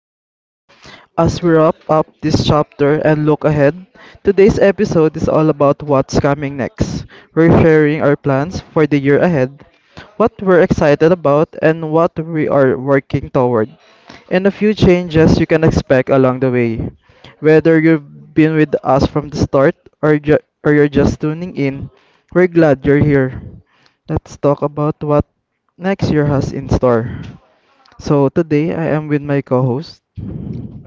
podcast. As we wrap up this chapter and look ahead, today's episode is all about what's coming next. We're sharing our plans for the year ahead, what we're excited about, and what we are working toward and a few changes you can expect along the way. Whether you've been with us from the start or you're just tuning in, we're glad you're here. Let's talk about what next year has in store. So today I am with my co-host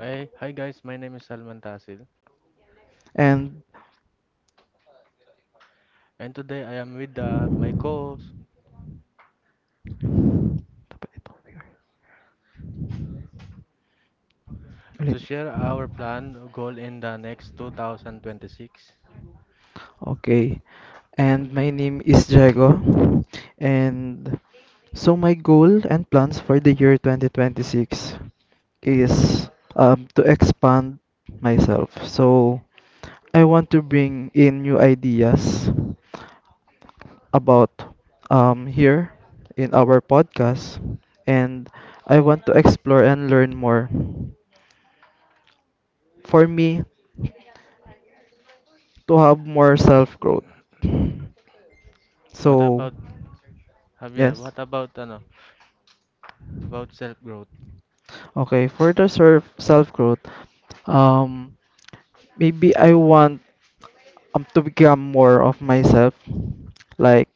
Hey, hi guys, my name is Salman Tasil, and and today I am with my co-host to Ulit. share our plan goal in the next 2026. Okay, and my name is Diego, and so my goal and plans for the year 2026 is to expand myself. So I want to bring in new ideas about here in our podcast, and I want to explore and learn more. For me, to have more self growth. What So about Javier? yes. What about ano, about self-growth? Okay, for the self growth, um, maybe I want to become more of myself. Like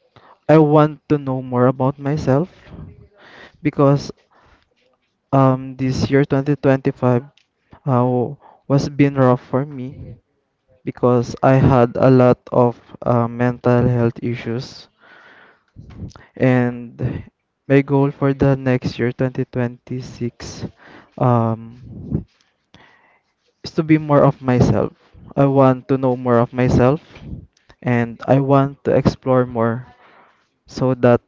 I want to know more about myself because this year 2025 uh, was been rough for me because I had a lot of mental health issues and my goal for the next year 2026 um is to be more of myself. I want to know more of myself and I want to explore more so that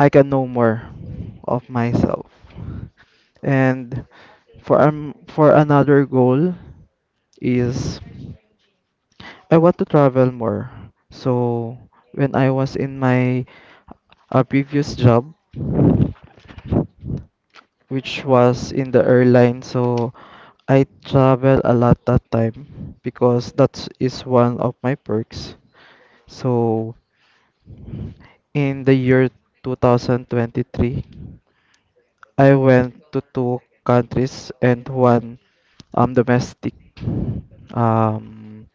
I can know more of myself. And for another goal is I want to travel more. So when I was in my previous job, which was in the airline. So I travel a lot that time because that is one of my perks. So in the year 2023, I went to two countries and one domestic um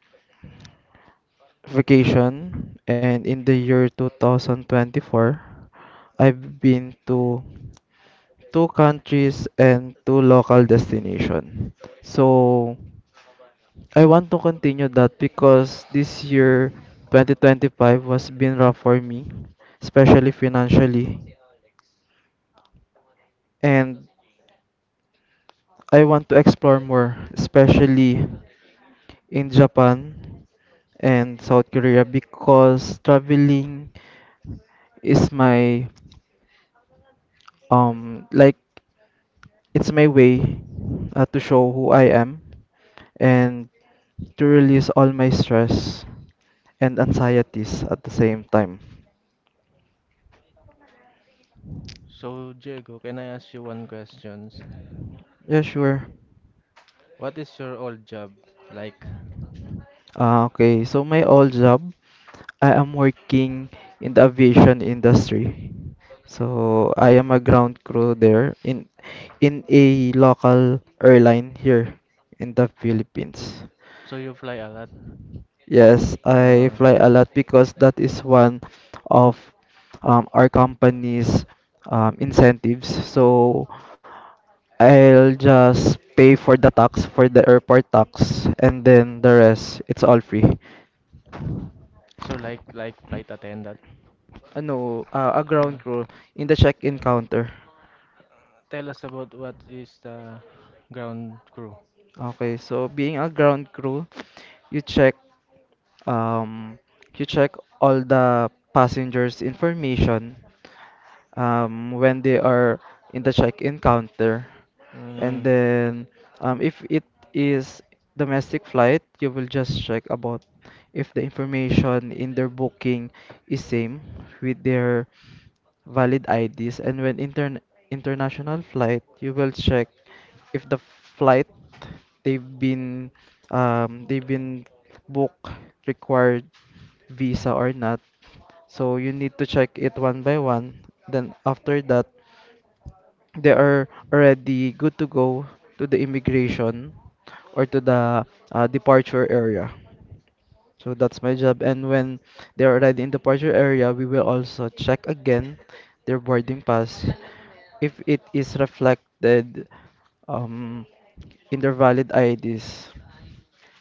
vacation and in the year 2024 I've been to two countries and two local destination. So I want to continue that because this year 2025 was been rough for me, especially financially, and I want to explore more, especially in Japan and South Korea because traveling is my Um, like it's my way to show who I am and to release all my stress and anxieties at the same time. So Diego, can I ask you one questions? Yeah, sure. What is your old job like? Okay, so my old job, I am working in the aviation industry. So I am a ground crew there in a local airline here in the Philippines. So you fly a lot. Yes, I Uh, fly a lot because that is one of our company's incentives. So I'll just pay for the tax for the airport tax and then the rest it's all free. so like flight attendant. No, a ground Uh, crew in the check-in counter. Tell us about what is the ground crew. Okay, so being a ground crew, you check um you check all the passengers information when they are in the check-in counter. And Mm, then if it is domestic flight, you will just check about if the information in their booking is same with their valid IDs, and when international flight, you will check if the flight they've been they've been booked required visa or not. So you need to check it one by one. Then after that, they are already good to go to the immigration or to the departure area. So that's my job. And when they're already in departure area, we will also check again their boarding pass if it is reflected um, in their valid IDs.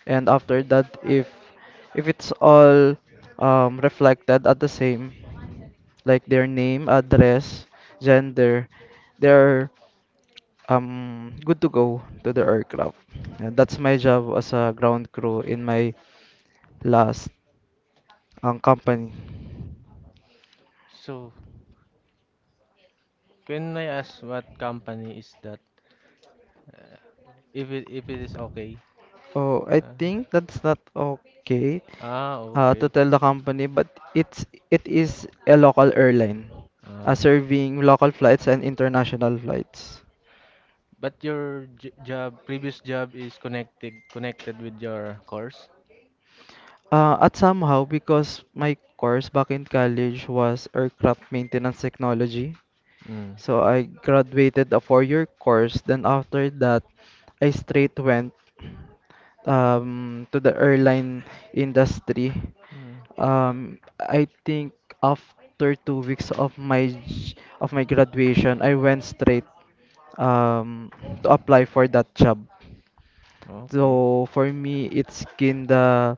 And after that, if it's all reflected at the same, like their name, address, gender, they're good to go to the aircraft. And that's my job as a ground crew in my last company. so can I ask what company is that? If it is okay. Oh, I Uh, think that's not okay ah, to okay. tell the company, but it is a local airline Ah. serving local flights and international flights. But your j job, previous job is connected with your course? At somehow, because my course back in college was aircraft maintenance technology. Mm. So I graduated a four-year course. Then after that, I straight went to the airline industry. Mm. I think after two weeks of my of my graduation, I went straight um, to apply for that job. Okay. So for me, it's kinda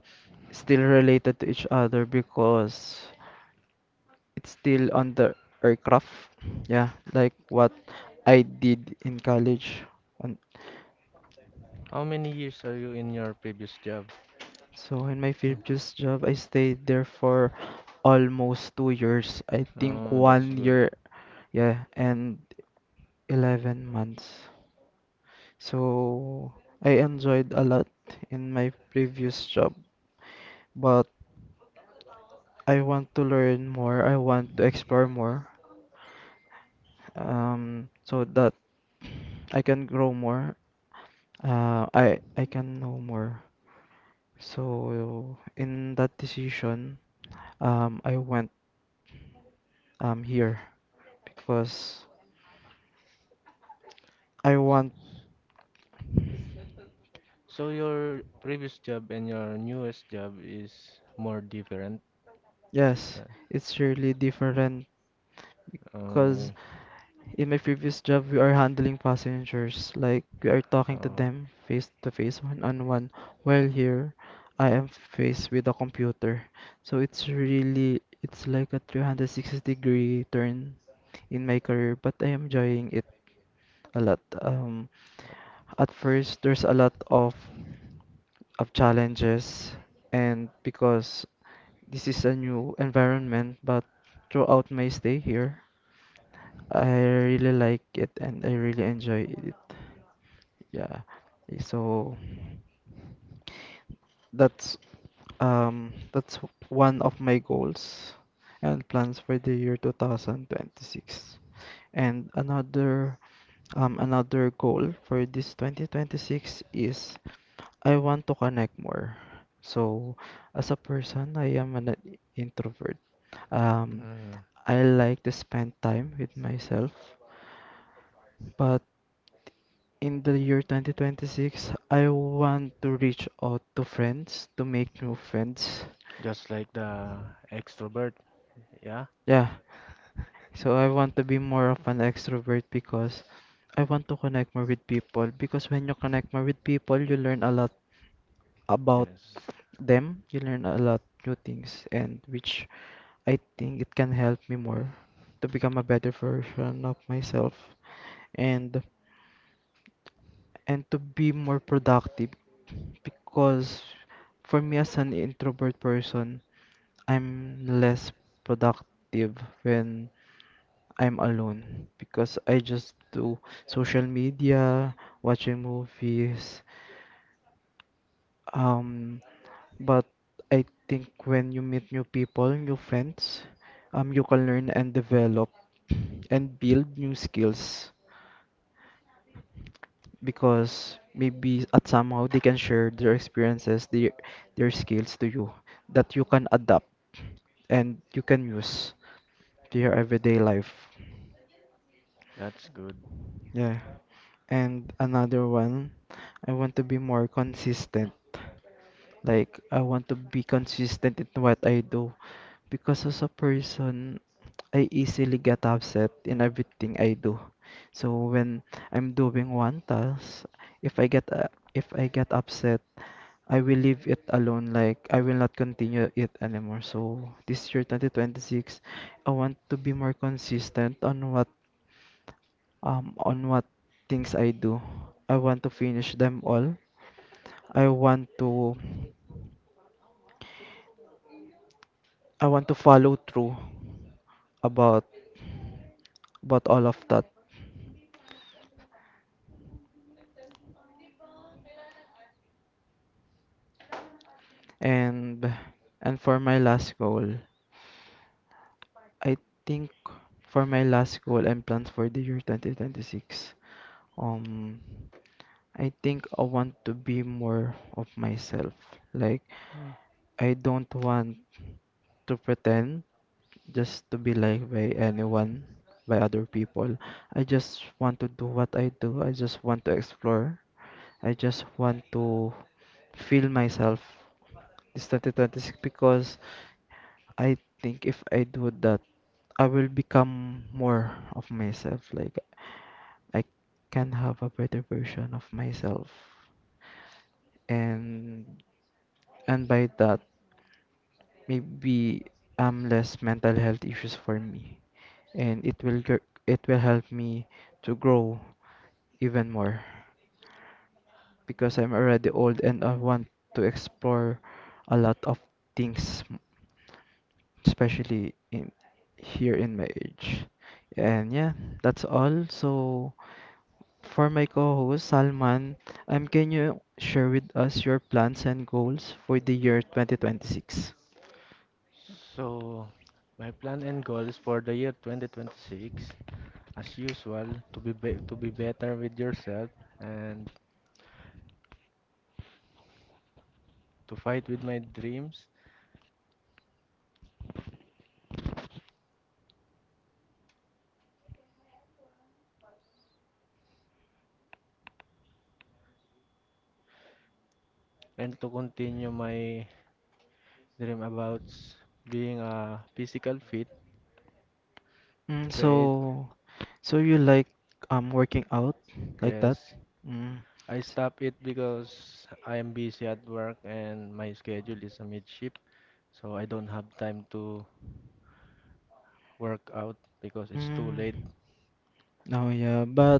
still related to each other because it's still on the aircraft. Yeah, like what I did in college. On How many years are you in your previous job? so in my previous job, I stayed there for almost two years. I think Oh, that's one good. year, yeah, and 11 months. So I enjoyed a lot in my previous job, but I want to learn more. I want to explore more, so that I can grow more. I can know more. So in that decision, I went here because I want. So your previous job and your newest job is more different. Uh, Yes, it's really different. Because oh, in my previous job, we are handling passengers. Like, we are talking to oh, them face to face, one on one. While here, I am faced with a computer. So it's really, it's like a 360 degree turn in my career, but I am enjoying it a lot. That, At first, there's a lot of challenges, and because this is a new environment, but throughout my stay here, I really like it and I really enjoy it. Yeah. So that's that's one of my goals and plans for the year 2026. And another another goal for this 2026 is I want to connect more. So as a person, I am an introvert. Um, mm. I like to spend time with myself, but in the year 2026, I want to reach out to friends, to make new friends. Just like the extrovert, yeah? Yeah. So I want to be more of an extrovert because I want to connect more with people. Because when you connect more with people, you learn a lot about Yes, them. You learn a lot new things, and which I think it can help me more to become a better version of myself and and to be more productive because for me as an introvert person, I'm less productive when I'm alone because I just do social media, watching movies, um, but I think when you meet new people, new friends, you can learn and develop and build new skills. Because maybe at somehow they can share their experiences, their skills to you that you can adapt and you can use to your everyday life. that's good. Yeah. And another one, I want to be more consistent. Like, I want to be consistent in what I do because as a person, I easily get upset in everything I do. So when I'm doing one task, if I get upset, I will leave it alone. Like I will not continue it anymore. So this year, 2026, I want to be more consistent on what things I do. I want to finish them all. I want to. I want to follow through about about all of that. And and for my last goal, I think for my last goal and plans for the year 2026, um I think I want to be more of myself. Like Yeah. I don't want to pretend just to be liked by anyone, by other people. I just want to do what I do. I just want to feel myself this 2026 because I think if I do that, I will become more of myself. Like I can have a better version of myself, and and by that, maybe less mental health issues for me, and it will it will help me to grow even more. Because I'm already old and I want to explore a lot of things, especially in here in my age. And yeah, that's all. So for my co-host Salman, can you share with us your plans and goals for the year 2026? So, my plan and goals for the year 2026, as usual, to be better with yourself and to fight with my dreams and to continue my dream about being a physical fit, Mm, create, so, so you like working out like that? yes. Mm, I s- stop it because I am busy at work and my schedule is a mid-shift, so I don't have time to work out because it's too late. mm. Oh yeah,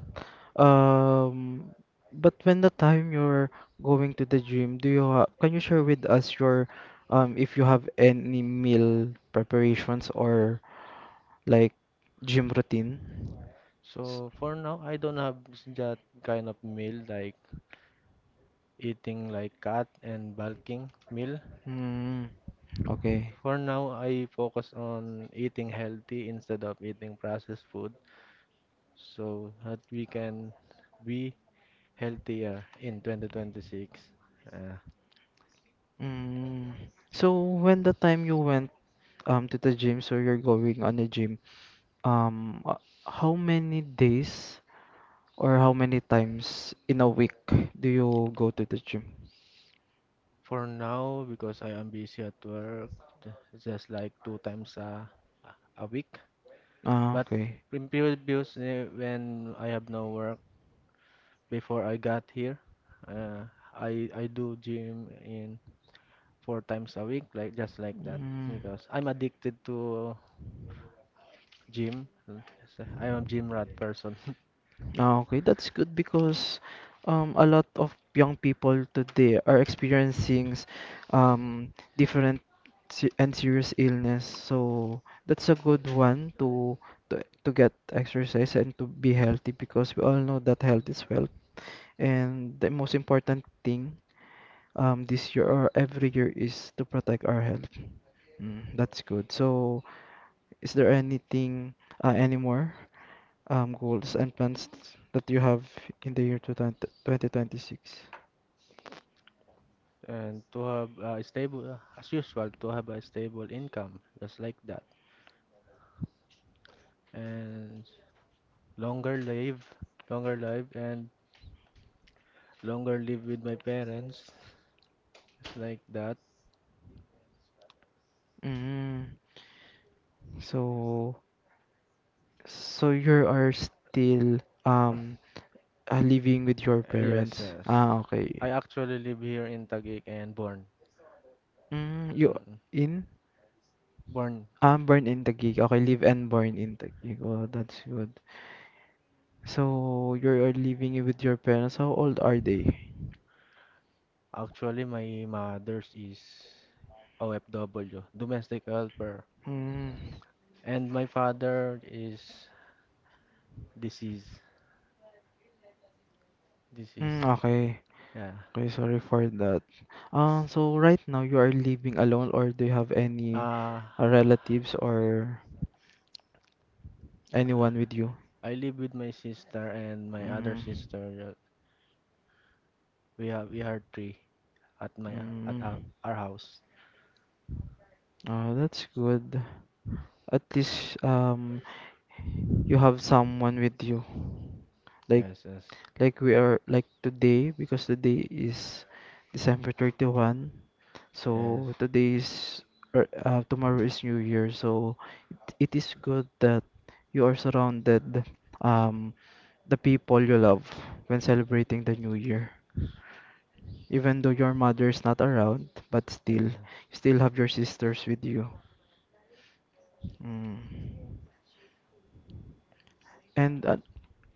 um, but when the time you're going to the gym, do you ha can you share with us your if you have any meal preparations or like gym routine? S- So for now, I don't have that kind of meal like eating like cat and bulking meal. Mm, okay. For now, I focus on eating healthy instead of eating processed food so that we can be healthier in 2026. Uh, Mm. So when the time you went to the gym, so you're going on the gym, um, uh, how many days? Or how many times in a week do you go to the gym? for now, because I am busy at work, just like two times a week. Ah, But okay. in previous, when I have no work, before I got here. Uh, I do gym in four times a week, like just like that, Mm. because I'm addicted to gym. I'm a gym rat person, Ah, okay, that's good because a lot of young people today are experiencing different se- and serious illness. So that's a good one to get exercise and to be healthy because we all know that health is wealth. And the most important thing this year or every year is to protect our health. Mm, that's good. So, is there anything, any more goals and plans that you have in the year 2020 2026? and to have a stable, as usual, to have a stable income, just like that, and longer live, longer live, and longer live with my parents, just like that. Mm, so, so you are still um living with your Yes, parents. yes. Ah, I okay. actually live here in Taguig and born. Mm, you Mm, in born. Born in Taguig. Okay, live and born in Taguig. Oh, that's good. So, you are living with your parents. How old are they? Actually, my mother's is OFW, domestic helper, Mm, and my father is deceased. Deceased. mm, okay. Yeah. Okay, sorry for that. S- So right now you are living alone, or do you have any Uh, relatives or anyone with you? I live with my sister and my other Mm, sister. We are three at my at mm, our house. oh, that's good. At least you have someone with you. Like Yes, yes, Like we are like today, because today is December 31. yes, So today is or, tomorrow is New Year. So it is good that you are surrounded um the people you love when celebrating the New Year. Even though your mother is not around, but still yes. you still have your sisters with you. Mm. And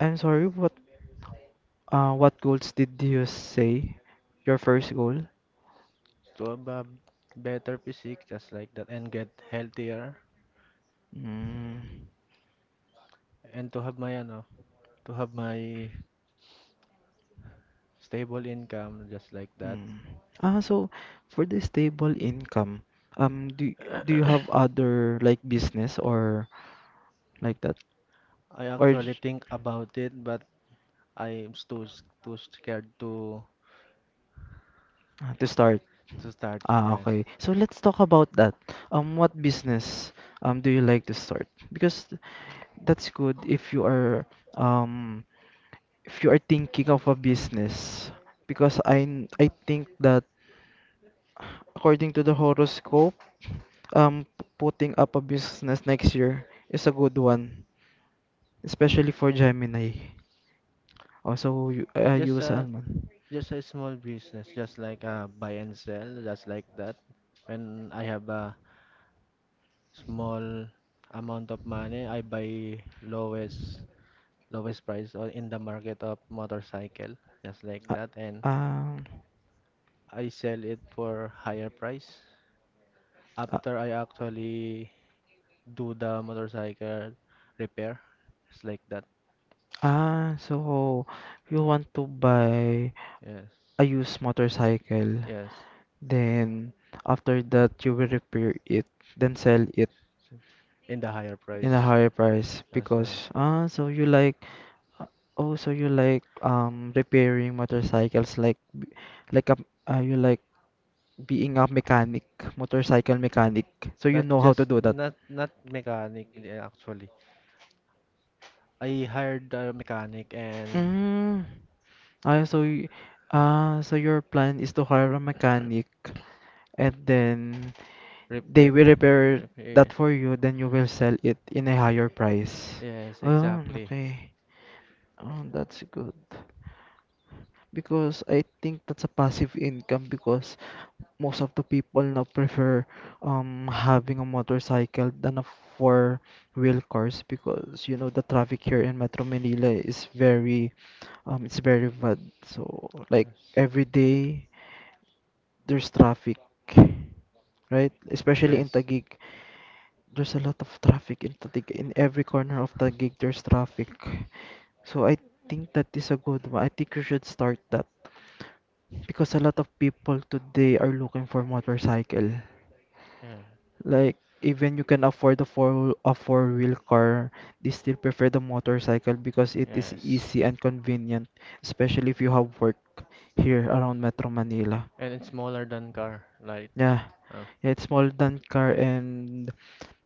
I'm sorry, what goals did you say? Your first goal? To have a better physique, just like that, and get healthier, Mm, and to have my stable income, just like that. mm. Ah, so for the stable income, do you have other like business or like that, I or actually j- think about it, but I'm too scared ah, to start? to start. Ah, Yes, okay. So let's talk about that. What business do you like to start? Because that's good um if you are thinking of a business. Because I think that. According to the horoscope, putting up a business next year is a good one, especially for Gemini. Also, you, just you Salman. A small business, just like a buy and sell, just like that. When I have a small amount of money, I buy lowest price or in the market of motorcycle, just like Uh, that, and um, I sell it for higher price uh, after I actually do the motorcycle repair, just like that. ah, so you want to buy a Yes, used motorcycle, yes. then after that you will repair it, then sell it So, in the higher in a price, higher price as a because ah, so you like Uh, oh, so you like repairing motorcycles like a you like being a mechanic, motorcycle mechanic. So you not know how just to do that. Not mechanic actually. I hired a mechanic and Mm. Ah, so y- ah, so your plan is to hire a mechanic and then they repair, will repair that repair. for you, then you will sell it in a higher price. Yes, Oh, exactly. okay. Oh, that's good. Because I think that's a passive income because most of the people now prefer having a motorcycle than a four-wheel cars, because you know the traffic here in Metro Manila is very it's very bad. So like Yes, every day there's traffic, right? Especially in yes, Taguig, there's a lot of traffic in Taguig. In every corner of Taguig there's traffic. So I think that is a good one. I think you should start that because a lot of people today are looking for motorcycle. yeah, Like even you can afford a four-wheel car, they still prefer the motorcycle because it is yes. easy and convenient, especially if you have work here around Metro Manila. And it's smaller than car, like Yeah, uh, it's smaller than car and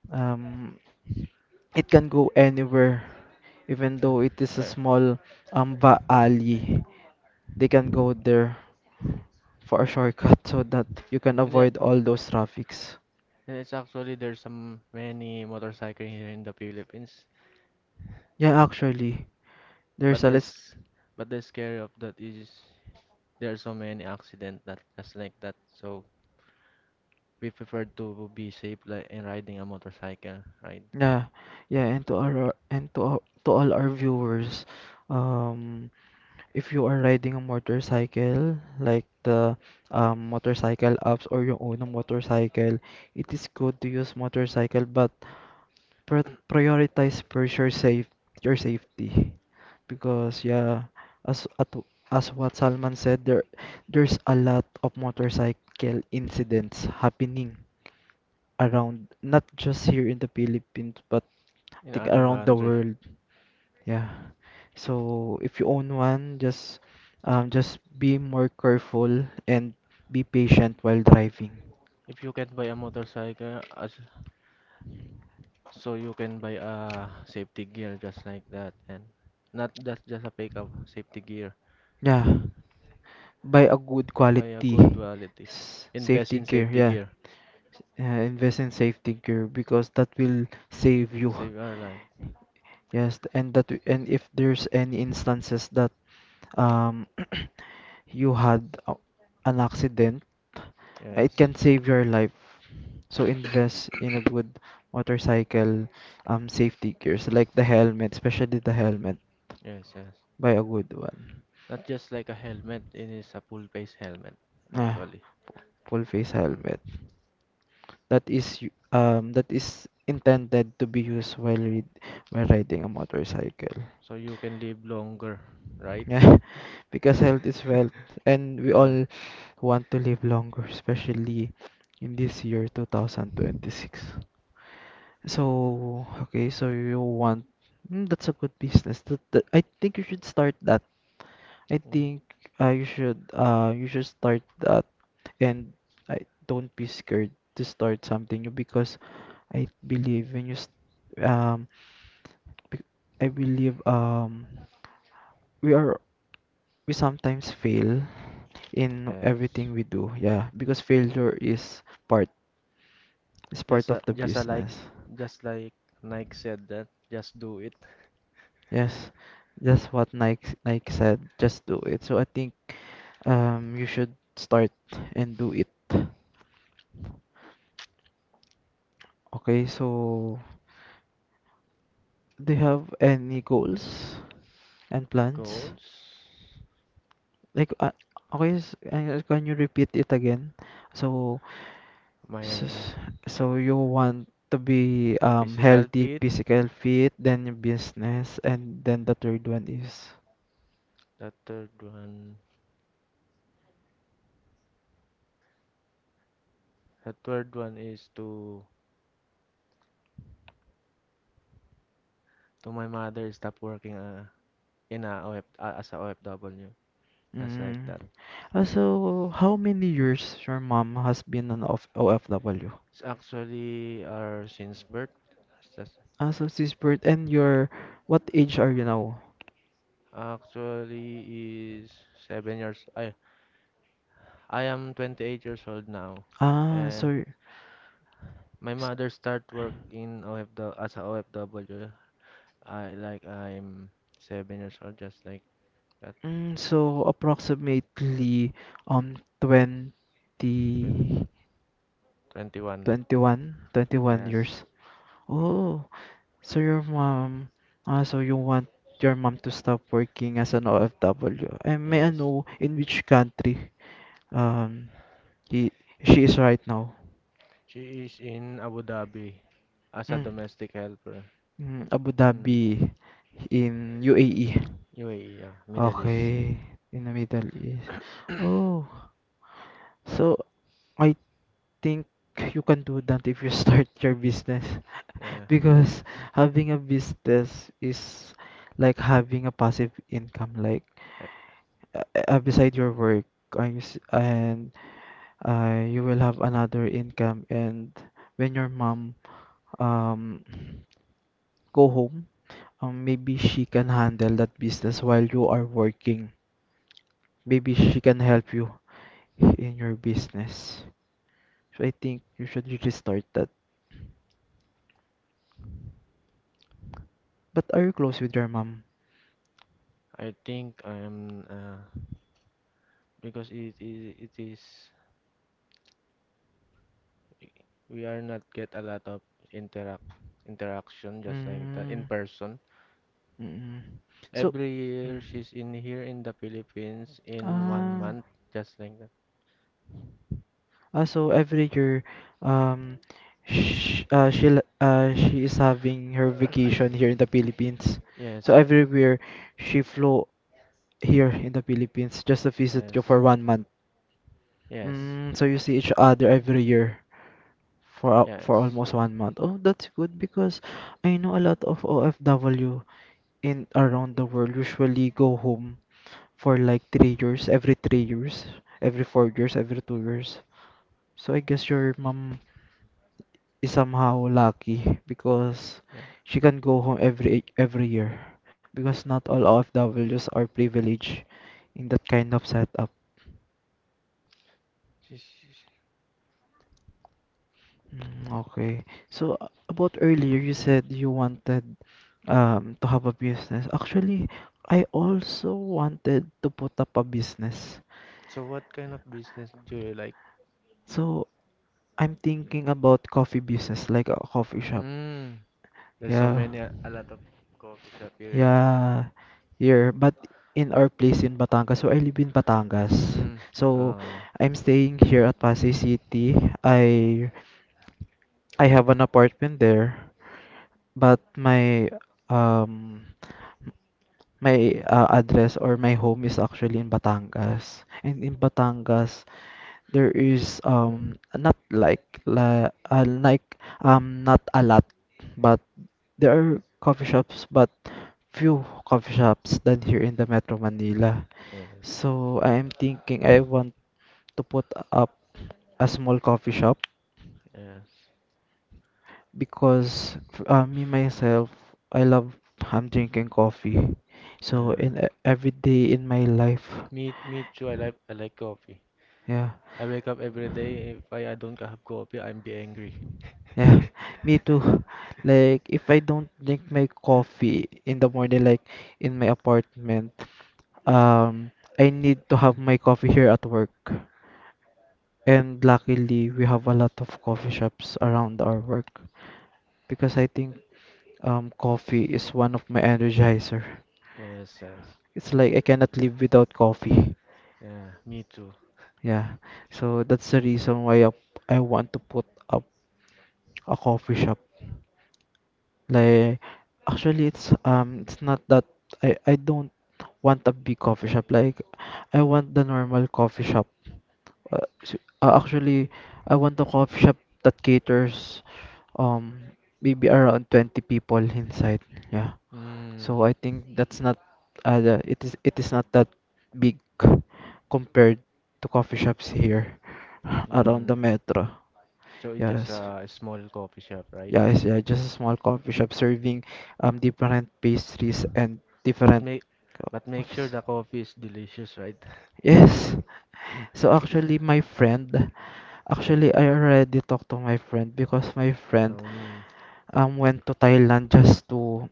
um it can go anywhere, even though it is a uh, small um alley. They can go there for a shortcut so that you can and yeah, avoid all those traffics. and it's actually there's some many motorcycle here in the Philippines, Yeah, actually, there's but a lot. this but the scary of that is. There are so many accidents that just like that. So we prefer to be safe like in riding a motorcycle, right? Yeah, yeah, and to our, to all our viewers, um, if you are riding a motorcycle, like the motorcycle apps or your own motorcycle, it is good to use motorcycle, but pr prioritize first your safe your safety, because yeah, as at, as what Salman said, there's a lot of motorcycle incidents happening around, not just here in the Philippines but I In think other around the country, world. Yeah. So if you own one, just be more careful and be patient while driving. if you can buy a motorcycle, as so you can buy a safety gear just like that, and not just a fake of safety gear. Yeah. Buy a good Buy a quality good quality. Invest safety in gear. safety Yeah. gear. Invest in safety gear because that will save you. Save our life. Yes, and that, and if there's any instances that um, you had an accident, it Yes, can save your life. So invest in a good motorcycle safety gears, like the helmet, especially the helmet. yes, yes. Buy a good one. Not just like a helmet. It is a full face helmet, Ah, actually. full face mm helmet. That is that is intended to be used while riding a motorcycle. So you can live longer, right? Yeah, because health is wealth, and we Yeah. all want to live longer, especially in this year 2026. So, okay, so you want mm, that's a good business. I think you should start that. I Mm, think you should start that, and I don't be scared to start something new because I believe when you st um bec- I believe we are we sometimes fail in yes. everything we do. Yeah, because failure part is part Just a- of the just a like business. just like Nike said that just do it. Yes, that's what Nike said. Just do it. So I think you should start and do it. Okay, so do you have any goals and plans? Goals. Like can you repeat it again? So So, My so you want to be physical healthy, fit. physical fit, then your business, and then the third one is The third one. The third one is to my mother stop working in a OF, as a OFW. As like mm. that. Ah, so how many years your mom has been an of OFW? It's actually our since birth. It's just- Ah, so since birth, and your what age are you now? Actually is 7 years. I am 28 years old now, Ah, and so my s- mother start work in OFW as a OFW. I'm 7 years old, just like that, mm, so approximately twen- 20 21. 21, twenty one Yes, years. Oh, so your mom, ah, so you want your mom to stop working as an OFW. And may I yes. know in which country um he she is right now? She is in Abu Dhabi as a Mm, domestic helper. mm, Abu Hmm. Dhabi in UAE. UAE, yeah, Middle East. Okay, in the Middle East. Oh, so I think you can do that if you start your business. Yeah, Because having a business is like having a passive income, like yeah. Beside your work, and you will have another income. And when your mom um go home, maybe she can handle that business while you are working. Maybe she can help you in your business. So I think you should really start that. But are you close with your mom? I think I'm because it is we are not get a lot of interact interaction just like that Mm, in person. mm, so. Every year Mm. she's in here in the Philippines in one Ah, month, just like that. ah, so every year, um, sh she is having her vacation here in the Philippines. Yes, So yes, every year, she flew here in the Philippines just to visit you yes, for 1 month. yes, Mm, so you see each other every year for yes. almost 1 month. Oh, that's good because I know a lot of OFW in around the world usually go home for like 3 years, every 4 years, every 2 years. So I guess your mom is somehow lucky because Yeah. she can go home every year because not all of OFWs are privileged in that kind of setup. She, she, she- Mm, okay. So about earlier, you said you wanted to have a business. Actually, I also wanted to put up a business. So what kind of business do you like? So I'm thinking about coffee business, like a coffee shop. Mm, there's so Yeah. many, a lot of coffee shop here. Yeah, here. But in our place in Batangas, so I live in Batangas. Mm, So oh, I'm staying here at Pasay City. I have an apartment there, but my um my address or my home is actually in Batangas. And in Batangas, there is not like la, like not a lot, but there are coffee shops, but few coffee shops than here in the Metro Manila, yes, so I am thinking I want to put up a small coffee shop yes, because me myself I love I'm drinking coffee so yeah. in every day in my life Me too. I like coffee. yeah. I wake up every day. If I don't have coffee, I'm be angry. Yeah, me too. Like, if I don't drink my coffee in the morning, like in my apartment, um, I need to have my coffee here at work. And luckily, we have a lot of coffee shops around our work, because I think coffee is one of my energizer. Yes, yes. It's like I cannot live without coffee. Yeah, me too. Yeah, so that's the reason why I want to put up a coffee shop. Like, actually, it's not that I don't want a big coffee shop. Like, I want the normal coffee shop. Actually, I want a coffee shop that caters um maybe around 20 people inside. Yeah. Mm, So I think that's not it is not that big compared to coffee shops here around mm. the metro. So it's just Yes. A small coffee shop, right? Yeah, it's yeah, just a small coffee shop serving different pastries and But different make but make sure coffees. the coffee is delicious, right? Yes. So Yeah. actually I already talked to my friend because my friend Um, went to Thailand just to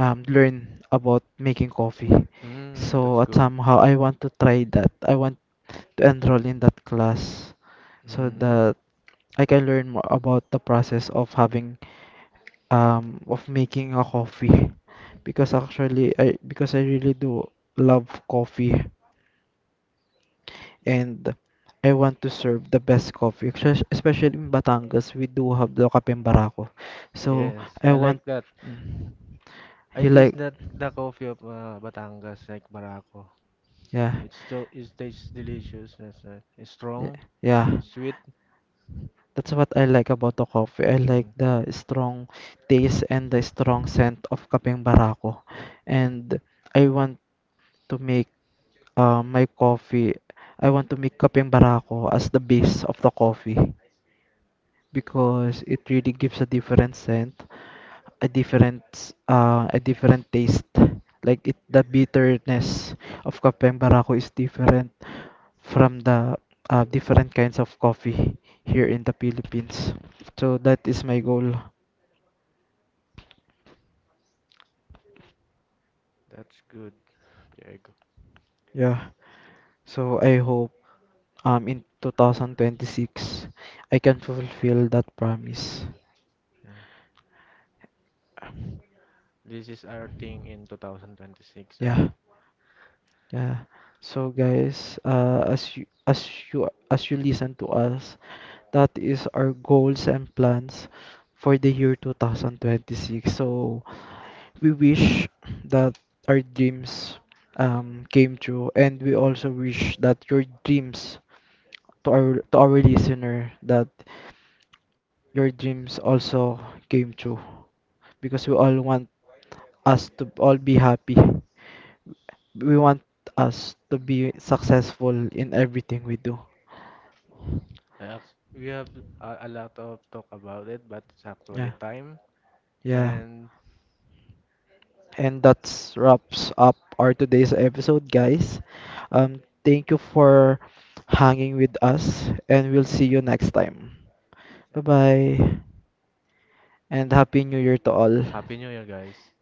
learn about making coffee. that's So at good. somehow I want to try that. I want to enroll in that class so Mm-hmm. that I can learn more about the process of having of making a coffee, because actually I because I really do love coffee, and I want to serve the best coffee especially in Batangas we do have the Kape Barako, so Yes, I I want like that. mm, I you taste like that the coffee of Batangas, like Barako. yeah It's so it tastes delicious. Yes, it's yeah strong yeah and sweet. that's what I like about the coffee, I like Mm, the strong taste and the strong scent of Kape Barako, and I want to make my coffee. I want to make kapeng barako as the base of the coffee because it really gives a different scent, a different taste. Like it, the bitterness of kapeng barako is different from the different kinds of coffee here in the Philippines. So that is my goal. that's good, Diego. Yeah. So I hope in 2026 I can fulfill that promise. Yeah. This is our thing in 2026, right? Yeah. Yeah. So guys, as you as you as you listen to us, that is our goals and plans for the year 2026. So we wish that our dreams came true, and we also wish that your dreams to our listener that your dreams also came true, because we all want us to all be happy. We want us to be successful in everything we do. We have a lot of talk about it, but it's Yeah. actually time. Yeah. And And that's wraps up our today's episode, guys. Um, thank you for hanging with us, and we'll see you next time. Bye bye, and Happy New Year to all. Happy New Year, guys.